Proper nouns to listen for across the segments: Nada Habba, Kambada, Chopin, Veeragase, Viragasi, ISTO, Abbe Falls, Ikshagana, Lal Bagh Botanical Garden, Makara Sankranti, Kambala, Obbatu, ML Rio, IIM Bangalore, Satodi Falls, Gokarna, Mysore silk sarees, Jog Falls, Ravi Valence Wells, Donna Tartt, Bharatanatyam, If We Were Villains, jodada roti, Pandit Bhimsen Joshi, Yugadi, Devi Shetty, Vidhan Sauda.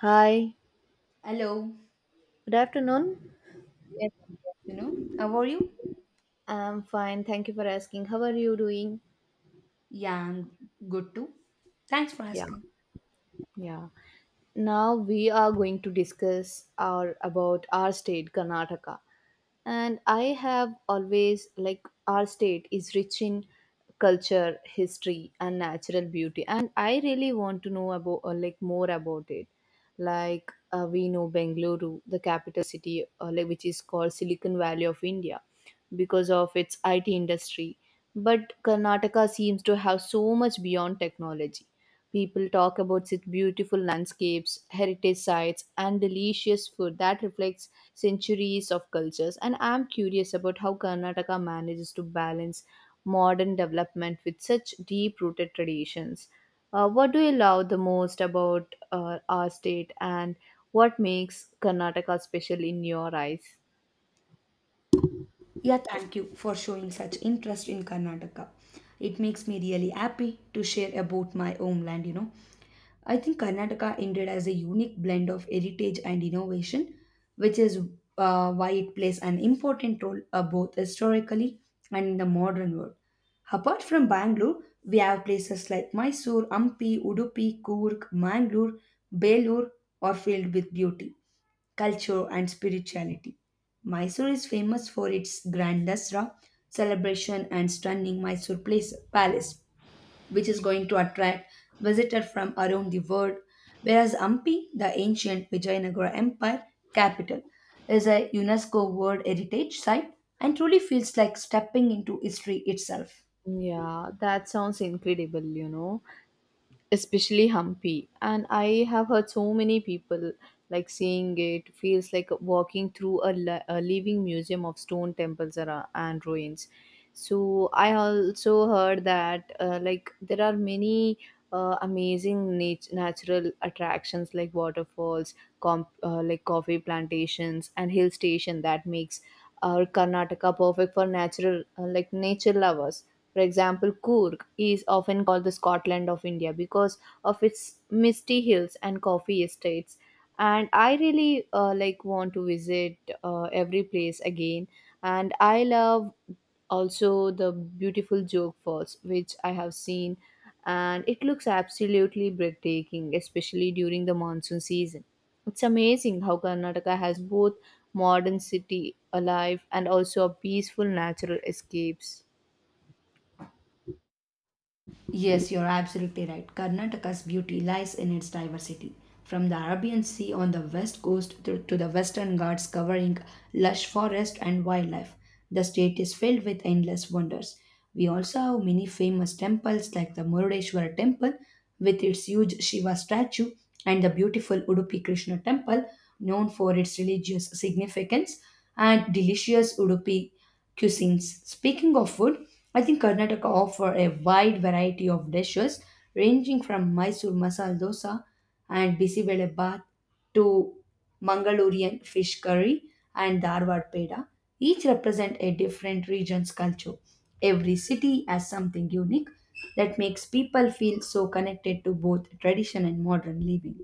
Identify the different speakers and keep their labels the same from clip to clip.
Speaker 1: Hi,
Speaker 2: Hello.
Speaker 1: good afternoon.
Speaker 2: Yes, I'm good. How are you?
Speaker 1: I'm fine. Thank you for asking. How are you doing?
Speaker 2: Yeah, I'm good too. Thanks for
Speaker 1: Yeah,
Speaker 2: asking.
Speaker 1: yeah. Now we are going to discuss our about our state Karnataka. And I have always our state is rich in culture, history, and natural beauty, and I really want to know about, or more about it. We know Bengaluru, the capital city, which is called Silicon Valley of India because of its IT industry. But Karnataka seems to have so much beyond technology. People talk about its beautiful landscapes, heritage sites, and delicious food that reflects centuries of cultures. And I'm curious about how Karnataka manages to balance modern development with such deep rooted traditions. What do you love the most about our state, and what makes Karnataka special in your eyes?
Speaker 2: Yeah, thank you for showing such interest in Karnataka. It makes me really happy to share about my homeland, you know. I think Karnataka indeed has a unique blend of heritage and innovation, which is why it plays an important role, both historically and in the modern world. Apart from Bangalore, we have places like Mysore, Ampi, Udupi, Coorg, Mangalore, Belur are filled with beauty, culture, and spirituality. Mysore is famous for its grand Dasra celebration and stunning Mysore place, Palace which is going to attract visitors from around the world. Whereas Hampi, the ancient Vijayanagara Empire capital, is a UNESCO World Heritage Site and truly feels like stepping into history itself.
Speaker 1: Yeah, that sounds incredible, you know, especially Hampi. And I have heard so many people, seeing it feels like walking through a living museum of stone temples and ruins. So I also heard that there are many amazing natural attractions like waterfalls, coffee plantations, and hill station that makes our Karnataka perfect for natural like nature lovers. For example, Coorg is often called the Scotland of India because of its misty hills and coffee estates. And I really want to visit every place again. And I love also the beautiful Jog Falls, which I have seen, and it looks absolutely breathtaking, especially during the monsoon season. It's amazing how Karnataka has both modern city alive and also a peaceful natural escapes.
Speaker 2: Yes, you're absolutely right. Karnataka's beauty lies in its diversity. From the Arabian Sea on the west coast to the western Ghats covering lush forest and wildlife, the state is filled with endless wonders. We also have many famous temples like the Murudeshwara temple with its huge Shiva statue and the beautiful Udupi Krishna temple known for its religious significance and delicious Udupi cuisines. Speaking of food, I think Karnataka offer a wide variety of dishes ranging from Mysore masala dosa and bisibele bath to Mangalorean fish curry and Dharwad peda. Each represent a different region's culture. Every city has something unique that makes people feel so connected to both tradition and modern living.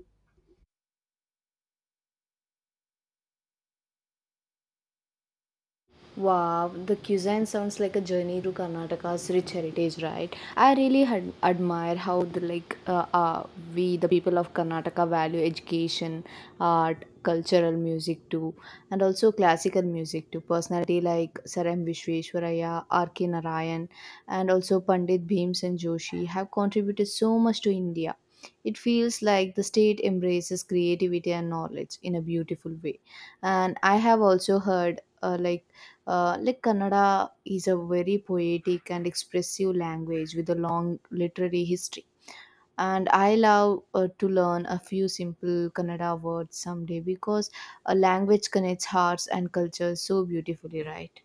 Speaker 1: Wow, the cuisine sounds like a journey to Karnataka's rich heritage, right? I really admire how the like we the people of Karnataka value education, art, cultural music too, and also classical music too. Personality like Saram Vishweshwaraya, R.K. Narayan, and also Pandit Bhimsen Joshi have contributed so much to India. It feels like the state embraces creativity and knowledge in a beautiful way, and I have also heard Kannada is a very poetic and expressive language with a long literary history. And I love to learn a few simple Kannada words someday, because a language connects hearts and cultures so beautifully, right?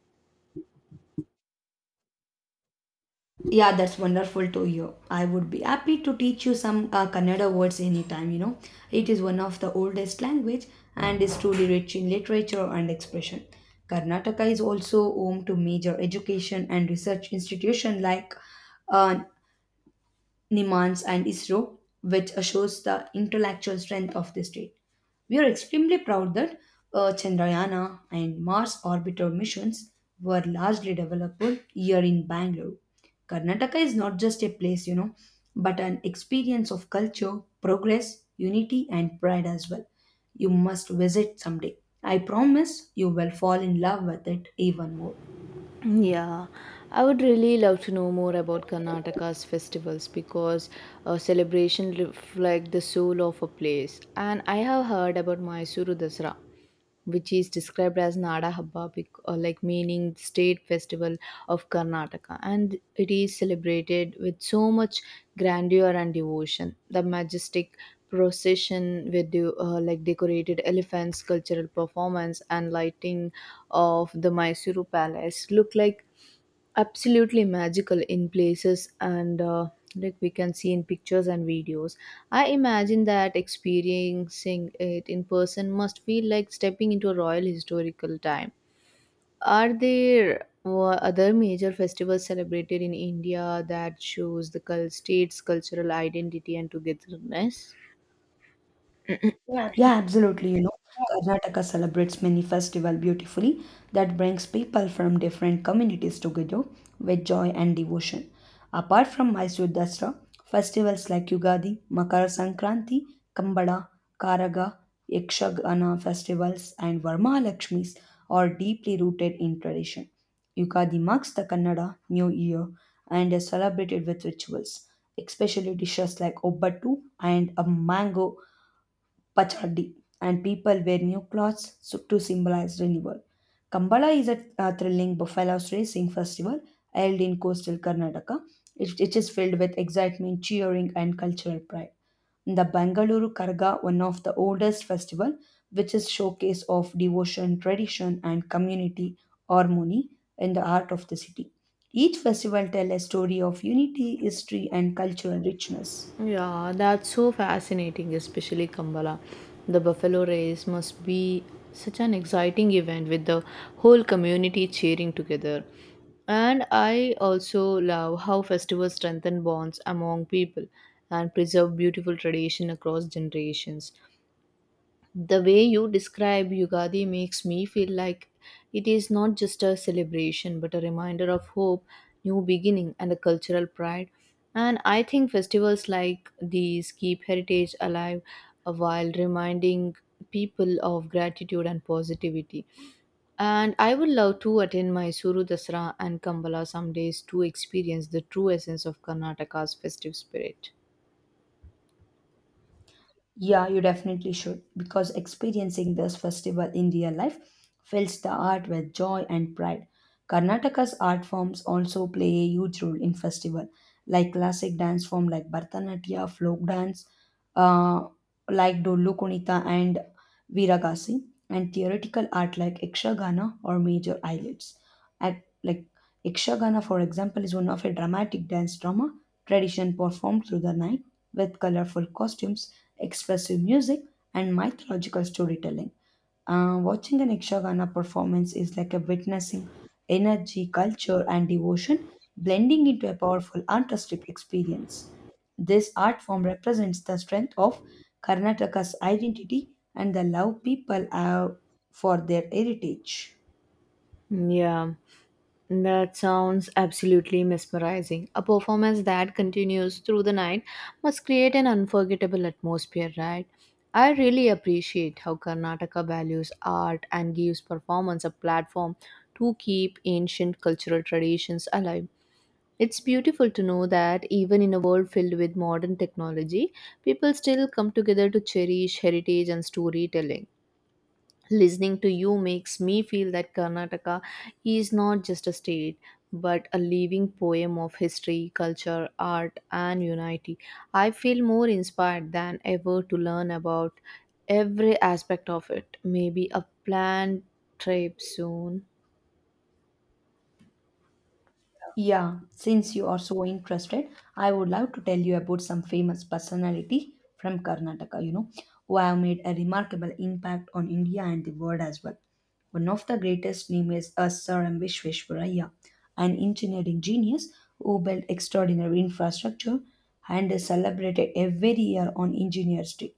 Speaker 2: Yeah, that's wonderful to hear. I would be happy to teach you some Kannada words anytime, you know. It is one of the oldest language and is truly rich in literature and expression. Karnataka is also home to major education and research institutions like uh, Nimans, and ISRO, which shows the intellectual strength of the state. We are extremely proud that Chandrayana and Mars orbiter missions were largely developed here in Bangalore. Karnataka is not just a place, you know, but an experience of culture, progress, unity, and pride as well. You must visit someday. I promise you will fall in love with it even more.
Speaker 1: Yeah, I would really love to know more about Karnataka's festivals because a celebration reflect the soul of a place. And I have heard about Mysuru Dasra, which is described as Nada Habba, meaning state festival of Karnataka, and it is celebrated with so much grandeur and devotion. The majestic procession with the, like decorated elephants, cultural performance, and lighting of the Mysuru Palace look like absolutely magical in places, and we can see in pictures and videos. I imagine that experiencing it in person must feel like stepping into a royal historical time. Are there other major festivals celebrated in India that shows the state's cultural identity and togetherness?
Speaker 2: Yeah, absolutely. You know, Karnataka celebrates many festival beautifully that brings people from different communities together with joy and devotion. Apart from Mysore Dasra, festivals like Yugadi, Makara Sankranti, Kambada, Karaga, Yakshagana festivals, and Varmahalakshmis are deeply rooted in tradition. Yugadi marks the Kannada New Year and is celebrated with rituals, especially dishes like Obbatu and a mango Pachadi, and people wear new clothes to symbolize renewal. Kambala is a thrilling buffaloes racing festival held in coastal Karnataka. It is filled with excitement, cheering, and cultural pride. The Bangalore Karga, one of the oldest festival, which is showcase of devotion, tradition, and community harmony in the heart of the city. Each festival tells a story of unity, history, and cultural richness.
Speaker 1: Yeah, that's so fascinating, especially Kambala. The buffalo race must be such an exciting event with the whole community cheering together. And I also love how festivals strengthen bonds among people and preserve beautiful tradition across generations. The way you describe Yugadi makes me feel like it is not just a celebration but a reminder of hope, new beginning, and a cultural pride. And I think festivals like these keep heritage alive, while reminding people of gratitude and positivity. And I would love to attend Mysuru Dasra and Kambala some days to experience the true essence of Karnataka's festive spirit.
Speaker 2: Yeah, you definitely should because experiencing this festival in real life fills the art with joy and pride. Karnataka's art forms also play a huge role in festival, like classic dance form like Bharatanatyam, folk dance, uh, like Dollu Kunita and Viragasi, and theoretical art like Ikshagana or major eyelids. Like Ikshagana, for example, is one of a dramatic dance drama tradition performed through the night with colorful costumes expressive music, and mythological storytelling. Watching an Ikshagana performance is like a witnessing energy, culture, and devotion blending into a powerful artistic experience. This art form represents the strength of Karnataka's identity and the love people have for their heritage.
Speaker 1: Yeah. That sounds absolutely mesmerizing. A performance that continues through the night must create an unforgettable atmosphere, right? I really appreciate how Karnataka values art and gives performance a platform to keep ancient cultural traditions alive. It's beautiful to know that even in a world filled with modern technology, people still come together to cherish heritage and storytelling. Listening to you makes me feel that Karnataka is not just a state but a living poem of history, culture, art, and unity. I feel more inspired than ever to learn about every aspect of it. Maybe a planned trip soon.
Speaker 2: Yeah, since you are so interested, I would love to tell you about some famous personality from Karnataka, you know, who have made a remarkable impact on India and the world as well. One of the greatest name is Sir M. Vishveshwaraya, an engineering genius who built extraordinary infrastructure and is celebrated every year on Engineers Day.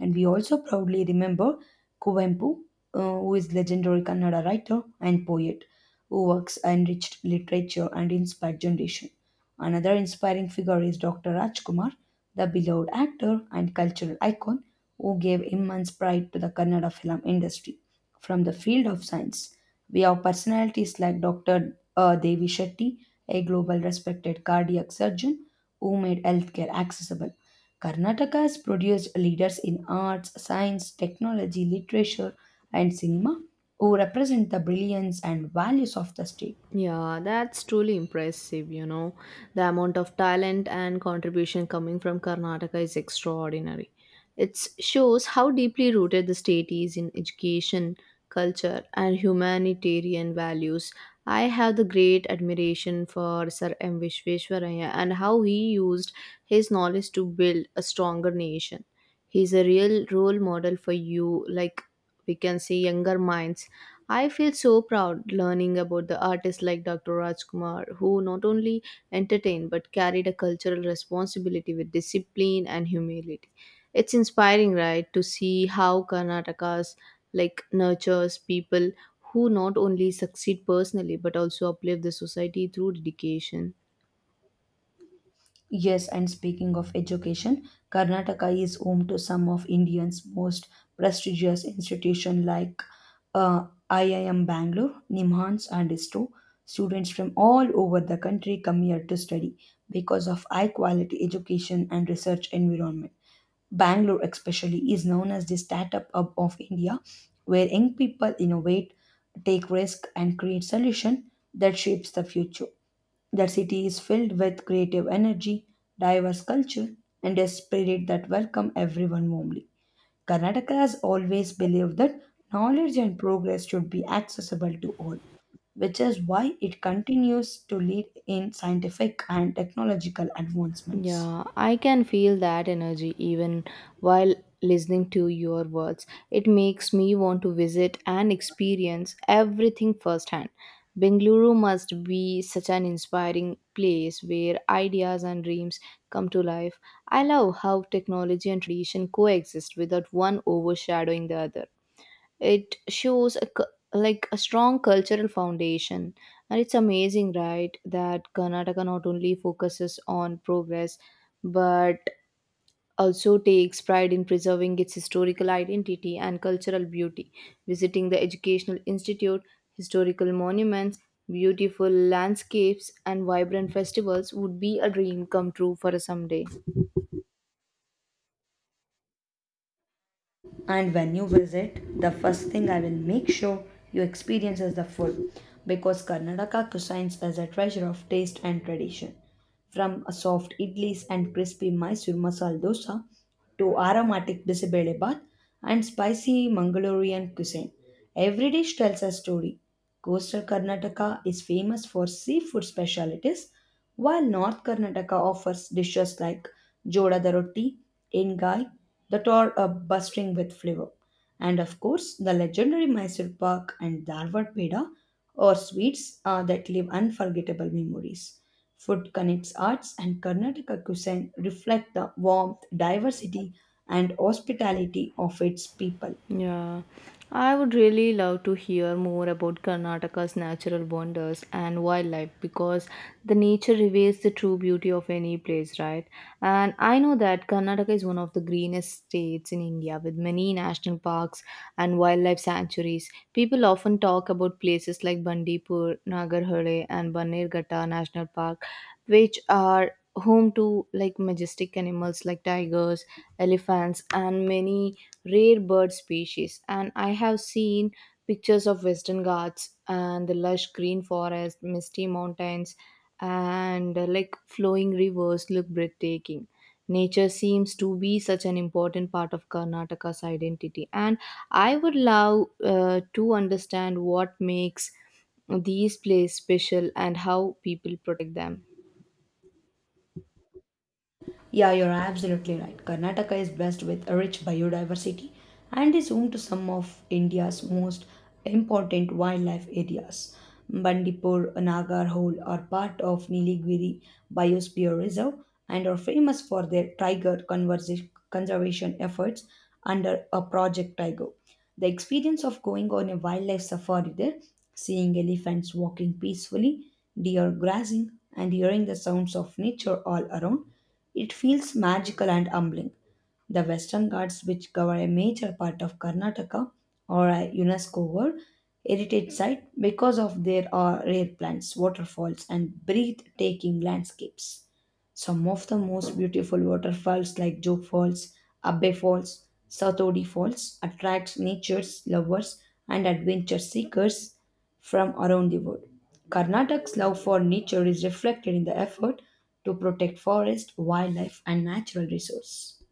Speaker 2: And we also proudly remember Kuvempu, who is legendary Kannada writer and poet whose works enriched literature and inspired generation. Another inspiring figure is Dr. Rajkumar, the beloved actor and cultural icon who gave immense pride to the Kannada film industry. From the field of science, we have personalities like Dr. Devi Shetty, a global respected cardiac surgeon who made healthcare accessible. Karnataka has produced leaders in arts, science, technology, literature, and cinema who represent the brilliance and values of the state.
Speaker 1: Yeah, that's truly impressive, you know. The amount of talent and contribution coming from Karnataka is extraordinary. It shows how deeply rooted the state is in education, culture, and humanitarian values. I have the great admiration for Sir M. Vishveshwaraya and how he used his knowledge to build a stronger nation. He's a real role model for you, like we can say, younger minds. I feel so proud learning about the artists like Dr. Rajkumar, who not only entertained but carried a cultural responsibility with discipline and humility. It's inspiring, right, to see how Karnataka's nurtures people who not only succeed personally but also uplift the society through dedication.
Speaker 2: Yes, and speaking of education, Karnataka is home to some of India's most prestigious institutions like IIM Bangalore, NIMHANS, and ISTO. Students from all over the country come here to study because of high quality education and research environment. Bangalore, especially, is known as the startup hub of India, where young people innovate, take risk, and create solution that shapes the future. Their city is filled with creative energy, diverse culture, and a spirit that welcome everyone warmly. Karnataka has always believed that knowledge and progress should be accessible to all, which is why it continues to lead in scientific and technological advancements.
Speaker 1: Yeah, I can feel that energy even while listening to your words. It makes me want to visit and experience everything firsthand. Bengaluru must be such an inspiring place where ideas and dreams come to life. I love how technology and tradition coexist without one overshadowing the other. It shows a, cu- like a strong cultural foundation, and it's amazing, right, that Karnataka not only focuses on progress but also takes pride in preserving its historical identity and cultural beauty. Visiting the educational institute, historical monuments, beautiful landscapes, and vibrant festivals would be a dream come true for a someday.
Speaker 2: And when you visit, the first thing I will make sure you experience is the food because Karnataka cuisines is a treasure of taste and tradition. From a soft idlis and crispy Mysore masala dosa to aromatic Bisabele bath and spicy Mangalorean cuisine. Every dish tells a story. Coastal Karnataka is famous for seafood specialities, while North Karnataka offers dishes like jodada roti, engai, that are bustling with flavor. And of course, the legendary Mysore Pak and Darwad Peda are sweets that leave unforgettable memories. Food Connects Arts and Karnataka cuisine reflect the warmth, diversity, and hospitality of its people.
Speaker 1: Yeah, I would really love to hear more about Karnataka's natural wonders and wildlife because the nature reveals the true beauty of any place, right? And I know that Karnataka is one of the greenest states in India with many national parks and wildlife sanctuaries. People often talk about places like Bandipur, Nagarhole, and Bannerghatta National Park, which are home to like majestic animals like tigers, elephants, and many rare bird species. And I have seen pictures of Western Ghats, and the lush green forest, misty mountains, and flowing rivers look breathtaking. Nature seems to be such an important part of Karnataka's identity, and I would love to understand what makes these places special and how people protect them.
Speaker 2: Yeah, you're absolutely right. Karnataka is blessed with a rich biodiversity and is home to some of India's most important wildlife areas. Bandipur, Nagarhole are part of Nilgiri Biosphere Reserve and are famous for their conservation efforts under a Project Tiger. The experience of going on a wildlife safari there, seeing elephants walking peacefully, deer grazing, and hearing the sounds of nature all around it feels magical and humbling. The Western Ghats, which cover a major part of Karnataka, are a UNESCO World Heritage Site because of their rare plants, waterfalls, and breathtaking landscapes. Some of the most beautiful waterfalls like Joke Falls, Abbe Falls, Satodi Falls attracts nature's lovers and adventure seekers from around the world. Karnataka's love for nature is reflected in the effort to protect forest, wildlife, and natural resources.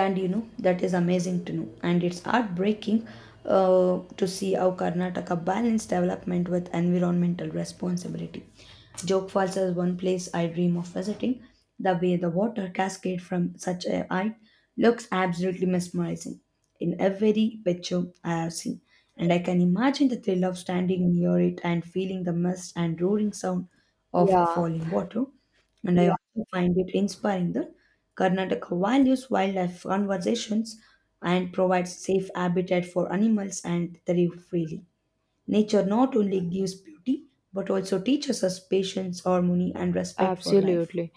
Speaker 2: And you know that is amazing to know and it's heartbreaking to see how Karnataka balanced development with environmental responsibility. Joke Falls is one place I dream of visiting. The way the water cascade from such a height looks absolutely mesmerizing in every picture I have seen, and I can imagine the thrill of standing near it and feeling the mist and roaring sound of
Speaker 1: Yeah,
Speaker 2: falling water. And I also find it inspiring that Karnataka values wildlife conservations and provides safe habitat for animals and they live freely. Nature not only gives beauty but also teaches us patience, harmony, and respect for life.
Speaker 1: absolutely.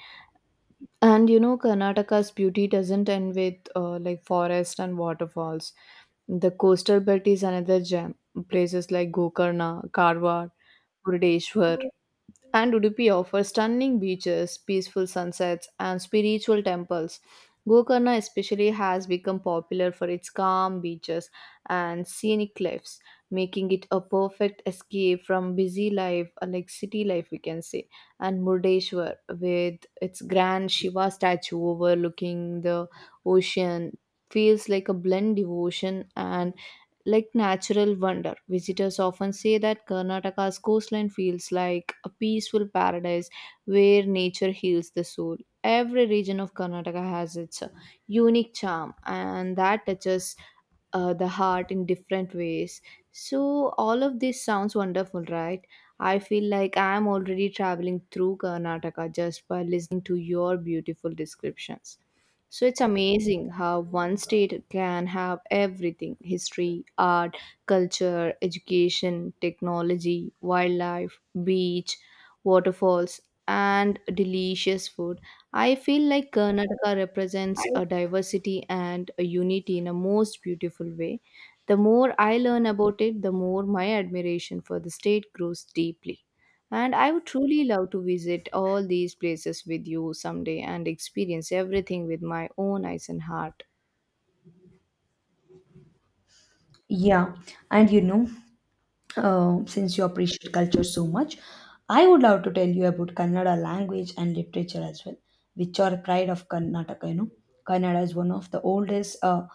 Speaker 1: And you know, Karnataka's beauty doesn't end with forest and waterfalls. The coastal belt is another gem. Places like Gokarna, Karwar, Murdeshwar, and Udupi offers stunning beaches, peaceful sunsets, and spiritual temples. Gokarna especially has become popular for its calm beaches and scenic cliffs, making it a perfect escape from busy life, city life, we can say. And Murdeshwar, with its grand Shiva statue overlooking the ocean, feels like a blend devotion and like natural wonder. Visitors often say that Karnataka's coastline feels like a peaceful paradise where nature heals the soul. Every region of Karnataka has its unique charm, and that touches the heart in different ways. So, all of this sounds wonderful, right? I feel like I am already traveling through Karnataka just by listening to your beautiful descriptions. So it's amazing how one state can have everything: history, art, culture, education, technology, wildlife, beach, waterfalls, and delicious food. I feel like Karnataka represents a diversity and a unity in a most beautiful way. The more I learn about it, the more my admiration for the state grows deeply. And I would truly love to visit all these places with you someday and experience everything with my own eyes and heart.
Speaker 2: Yeah, and you know, since you appreciate culture so much, I would love to tell you about Kannada language and literature as well, which are pride of Karnataka. You know, Kannada is one of the oldest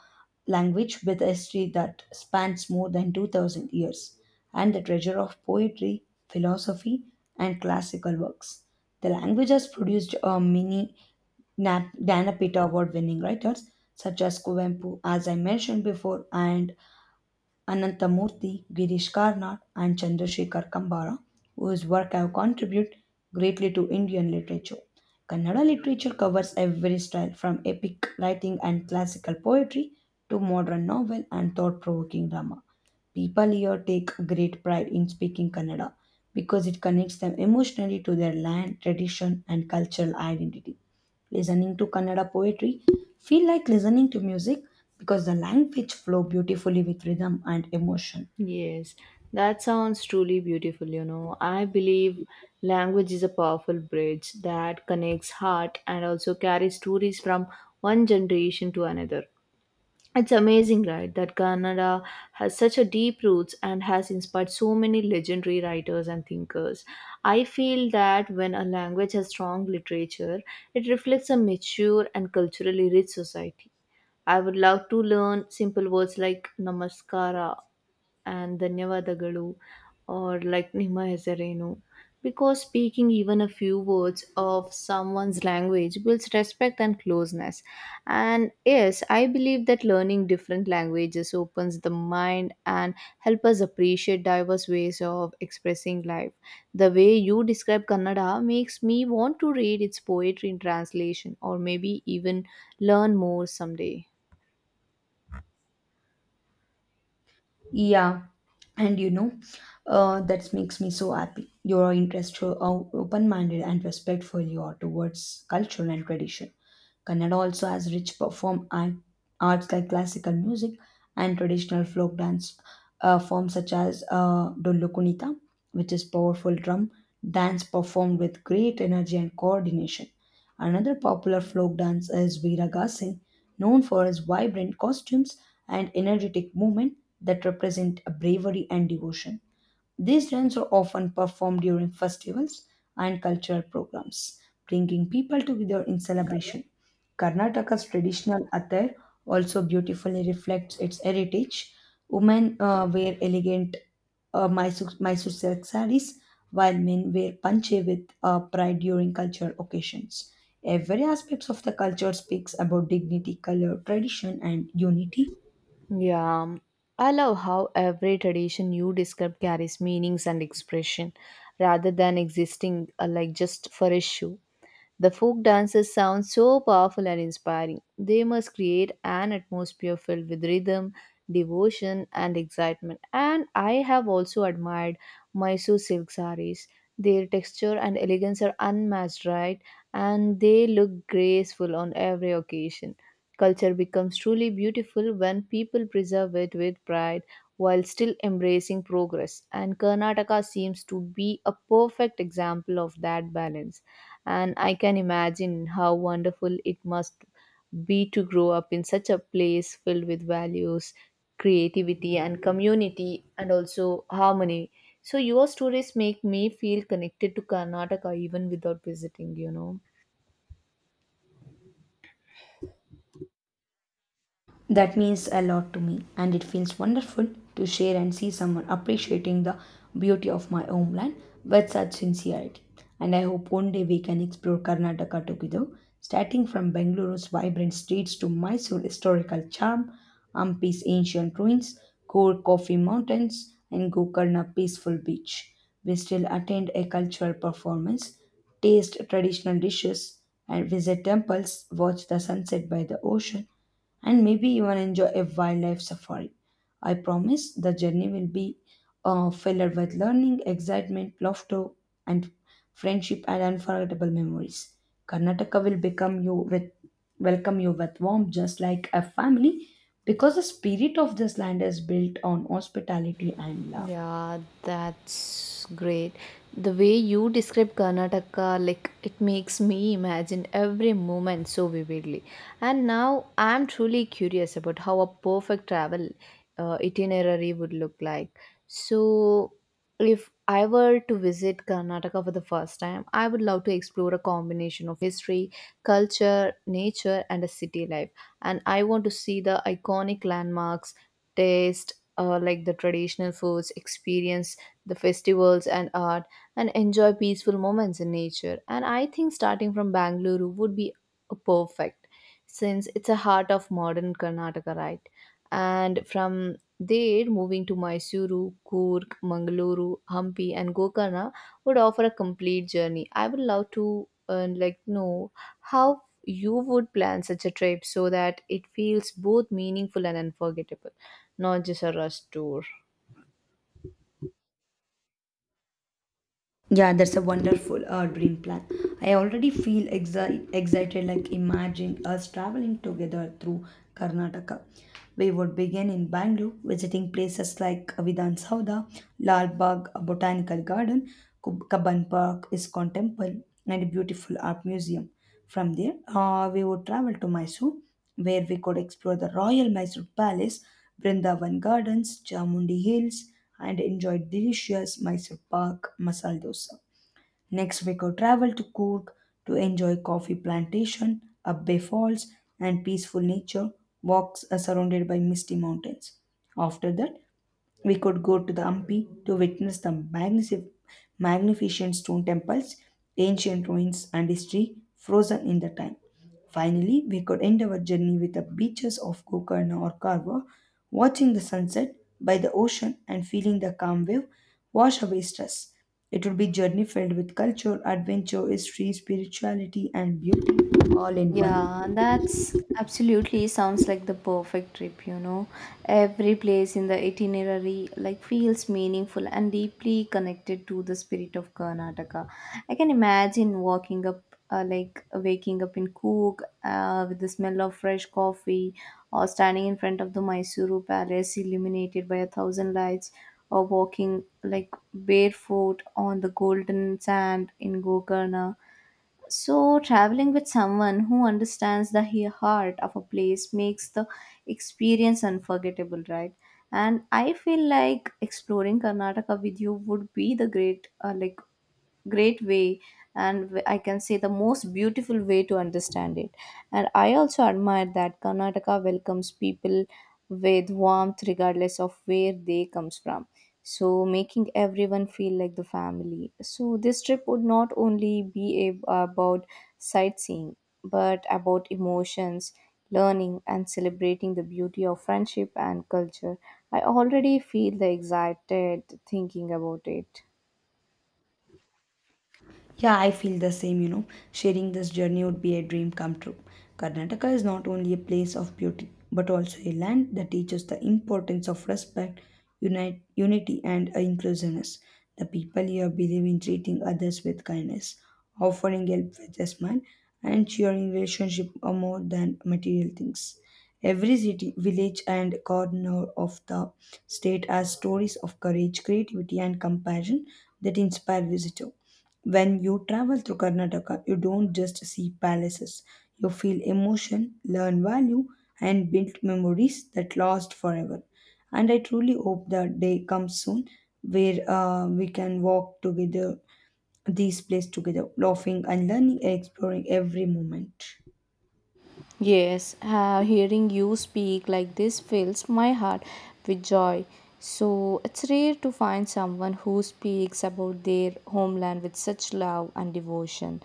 Speaker 2: language with a history that spans more than 2000 years and the treasure of poetry, philosophy, and classical works. The language has produced many Dana Pita Award winning writers such as Kuvempu, as I mentioned before, and Anantamurthy, Girish Karnad, and Chandrasekhar Kambara, whose work have contributed greatly to Indian literature. Kannada literature covers every style from epic writing and classical poetry to modern novel and thought provoking drama. People here take great pride in speaking Kannada because it connects them emotionally to their land, tradition, and cultural identity. Listening to Kannada poetry feel like listening to music because the language flow beautifully with rhythm and emotion.
Speaker 1: Yes, that sounds truly beautiful, you know. I believe language is a powerful bridge that connects heart and also carries stories from one generation to another. It's amazing, right, that Kannada has such a deep roots and has inspired so many legendary writers and thinkers. I feel that when a language has strong literature, it reflects a mature and culturally rich society. I would love to learn simple words like namaskara and ಧನ್ಯವಾದಗಳು or like ನಿಮ್ಮ ಹೆಸರೇನು, because speaking even a few words of someone's language builds respect and closeness. And yes, I believe that learning different languages opens the mind and help us appreciate diverse ways of expressing life. The way you describe Kannada makes me want to read its poetry in translation or maybe even learn more someday.
Speaker 2: Yeah, and you know that makes me so happy your interest how open-minded and respectful you are towards culture and tradition. Kannada also has rich perform art, arts like classical music and traditional folk dance forms such as Dollu Kunita, which is powerful drum dance performed with great energy and coordination. Another popular folk dance is Veeragase, known for his vibrant costumes and energetic movement that represent a bravery and devotion. These dance are often performed during festivals and cultural programs, bringing people together in celebration. Karnataka's traditional attire also beautifully reflects its heritage. Women wear elegant Mysore silk sarees, while men wear panche with pride during cultural occasions. Every aspect of the culture speaks about dignity, color, tradition, and unity.
Speaker 1: Yeah, I love how every tradition you describe carries meanings and expression rather than existing just for issue. The folk dances sound so powerful and inspiring. They must create an atmosphere filled with rhythm, devotion, and excitement. And I have also admired Mysore silk sarees. Their texture and elegance are unmatched, right? And they look graceful on every occasion. Culture becomes truly beautiful when people preserve it with pride while still embracing progress. And Karnataka seems to be a perfect example of that balance, and I can imagine how wonderful it must be to grow up in such a place filled with values, creativity, and community, and also harmony. So, your stories make me feel connected to Karnataka even without visiting, you know.
Speaker 2: That means a lot to me, and it feels wonderful to share and see someone appreciating the beauty of my homeland with such sincerity. And I hope one day we can explore Karnataka together, starting from Bengaluru's vibrant streets to Mysore's historical charm, Hampi's ancient ruins, Core Coffee Mountains, and Gokarna's peaceful beach. We still attend a cultural performance, taste traditional dishes, and visit temples, watch the sunset by the ocean, and maybe even enjoy a wildlife safari. I promise the journey will be filled with learning, excitement, laughter, and friendship and unforgettable memories. Karnataka will become you with welcome you with warmth, just like a family, because the spirit of this land is built on hospitality and love.
Speaker 1: Yeah, that's great. The way you describe Karnataka, like, it makes me imagine every moment so vividly. And now I'm truly curious about how a perfect travel itinerary would look like. So, if I were to visit Karnataka for the first time, I would love to explore a combination of history, culture, nature, and a city life. And I want to see the iconic landmarks, taste like, the traditional foods, experience the festivals and art, and enjoy peaceful moments in nature. And I think starting from Bangalore would be perfect, since it's a heart of modern Karnataka, right? And from there, moving to Mysuru, Coorg, Mangaluru, Hampi, and Gokarna would offer a complete journey. I would love to like, know how you would plan such a trip so that it feels both meaningful and unforgettable, not just a rush tour.
Speaker 2: Yeah, that's a wonderful dream plan. I already feel excited, like imagine us traveling together through Karnataka. We would begin in Bangalore, visiting places like Vidhan Sauda, Lal Bagh Botanical Garden, Kabban Park, Iskon Temple, and a beautiful art museum. From there, we would travel to Mysore, where we could explore the Royal Mysore Palace, Brindavan Gardens, Chamundi Hills, and enjoy delicious Mysore Pak masala dosa. Next, we could travel to Coorg to enjoy coffee plantation, Abbe Falls, and peaceful nature walks surrounded by misty mountains. After that, we could go to the Hampi to witness the magnificent stone temples, ancient ruins, and history frozen in the time. Finally, we could end our journey with the beaches of Gokarna or Karwa, watching the sunset by the ocean and feeling the calm wave wash away stress. It would be a journey filled with culture, adventure, history, spirituality, and beauty all in one.
Speaker 1: Yeah, that's absolutely sounds like the perfect trip, you know. Every place in the itinerary like feels meaningful and deeply connected to the spirit of Karnataka. I can imagine walking up like, waking up in Coorg with the smell of fresh coffee, or standing in front of the Mysuru Palace illuminated by a thousand lights, or walking like barefoot on the golden sand in Gokarna. So, traveling with someone who understands the heart of a place makes the experience unforgettable, right? And I feel like exploring Karnataka with you would be the great, great way, and I can say the most beautiful way to understand it. And I also admire that Karnataka welcomes people with warmth regardless of where they comes from, so making everyone feel like the family. So this trip would not only be about sightseeing, but about emotions, learning, and celebrating the beauty of friendship and culture. I already feel the excited thinking about it.
Speaker 2: Yeah, I feel the same, you know. Sharing this journey would be a dream come true. Karnataka is not only a place of beauty, but also a land that teaches the importance of respect, unite, unity, and inclusiveness. The people here believe in treating others with kindness, offering help with a smile, and cheering relationship are more than material things. Every city, village, and corner of the state has stories of courage, creativity, and compassion that inspire visitors. When you travel through Karnataka, you don't just see palaces. You feel emotion, learn value, and build memories that last forever. And I truly hope the day comes soon where we can walk together, these places together, laughing and learning and exploring every moment.
Speaker 1: Yes, hearing you speak like this fills my heart with joy. So it's rare to find someone who speaks about their homeland with such love and devotion.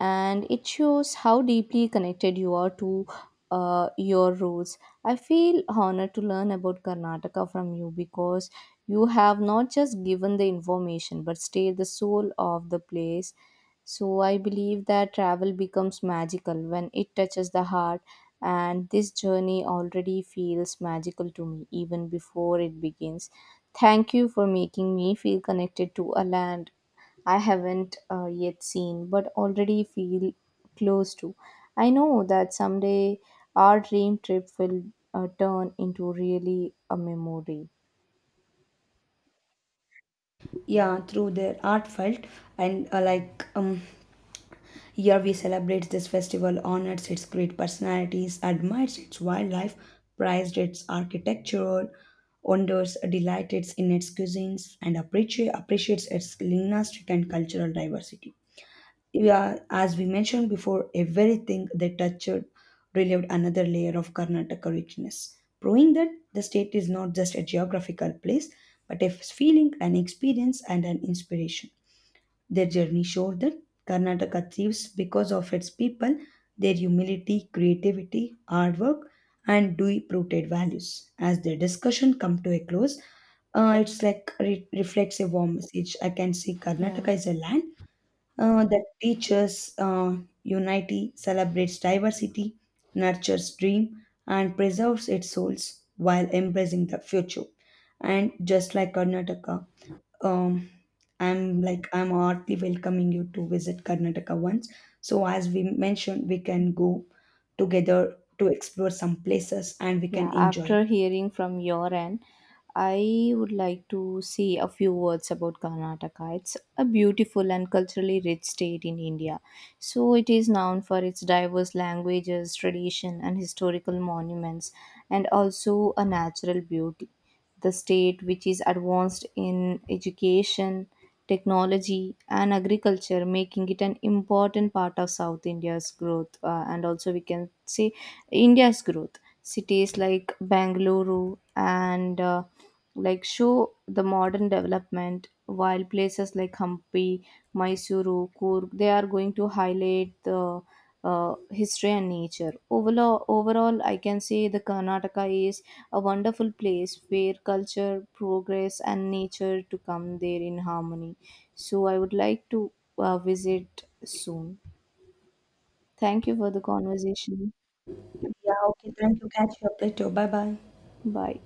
Speaker 1: And it shows how deeply connected you are to your roots. I feel honored to learn about Karnataka from you, because you have not just given the information but stayed the soul of the place. So I believe that travel becomes magical when it touches the heart, and this journey already feels magical to me even before it begins. Thank you for making me feel connected to a land I haven't yet seen but already feel close to. I know that someday our dream trip will turn into really a memory.
Speaker 2: Yeah, through their art felt and here we celebrate this festival, honors its great personalities, admires its wildlife, prized its architectural wonders, delights in its cuisines, and appreciates its linguistic and cultural diversity. Yeah, as we mentioned before, everything they touched relieved another layer of Karnataka richness, proving that the state is not just a geographical place, but a feeling, an experience, and an inspiration. Their journey showed that Karnataka thrives because of its people, their humility, creativity, hard work, and deep rooted values. As their discussion come to a close, it's like reflects a warm message. I can say
Speaker 1: Yeah.
Speaker 2: Karnataka is a land that teaches unity, celebrates diversity, nurtures dream, and preserves its souls while embracing the future. And just like Karnataka, um, I'm heartily welcoming you to visit Karnataka once. So as we mentioned, we can go together to explore some places and we can
Speaker 1: Yeah,
Speaker 2: enjoy
Speaker 1: after hearing from your end, I would like to say a few words about Karnataka. It's a beautiful and culturally rich state in India. So it is known for its diverse languages, tradition, and historical monuments, and also a natural beauty. The state, which is advanced in education, technology, and agriculture, making it an important part of South India's growth, and also we can say India's growth. Cities like Bangalore, and like, show the modern development, while places like Hampi, Mysuru, Coorg, they are going to highlight the history and nature. Overall, I can say the Karnataka is a wonderful place where culture, progress, and nature to come there in harmony. So I would like to visit soon. Thank you for the conversation.
Speaker 2: it. Yeah, okay, thank you. Catch you up later. Bye bye.
Speaker 1: Bye.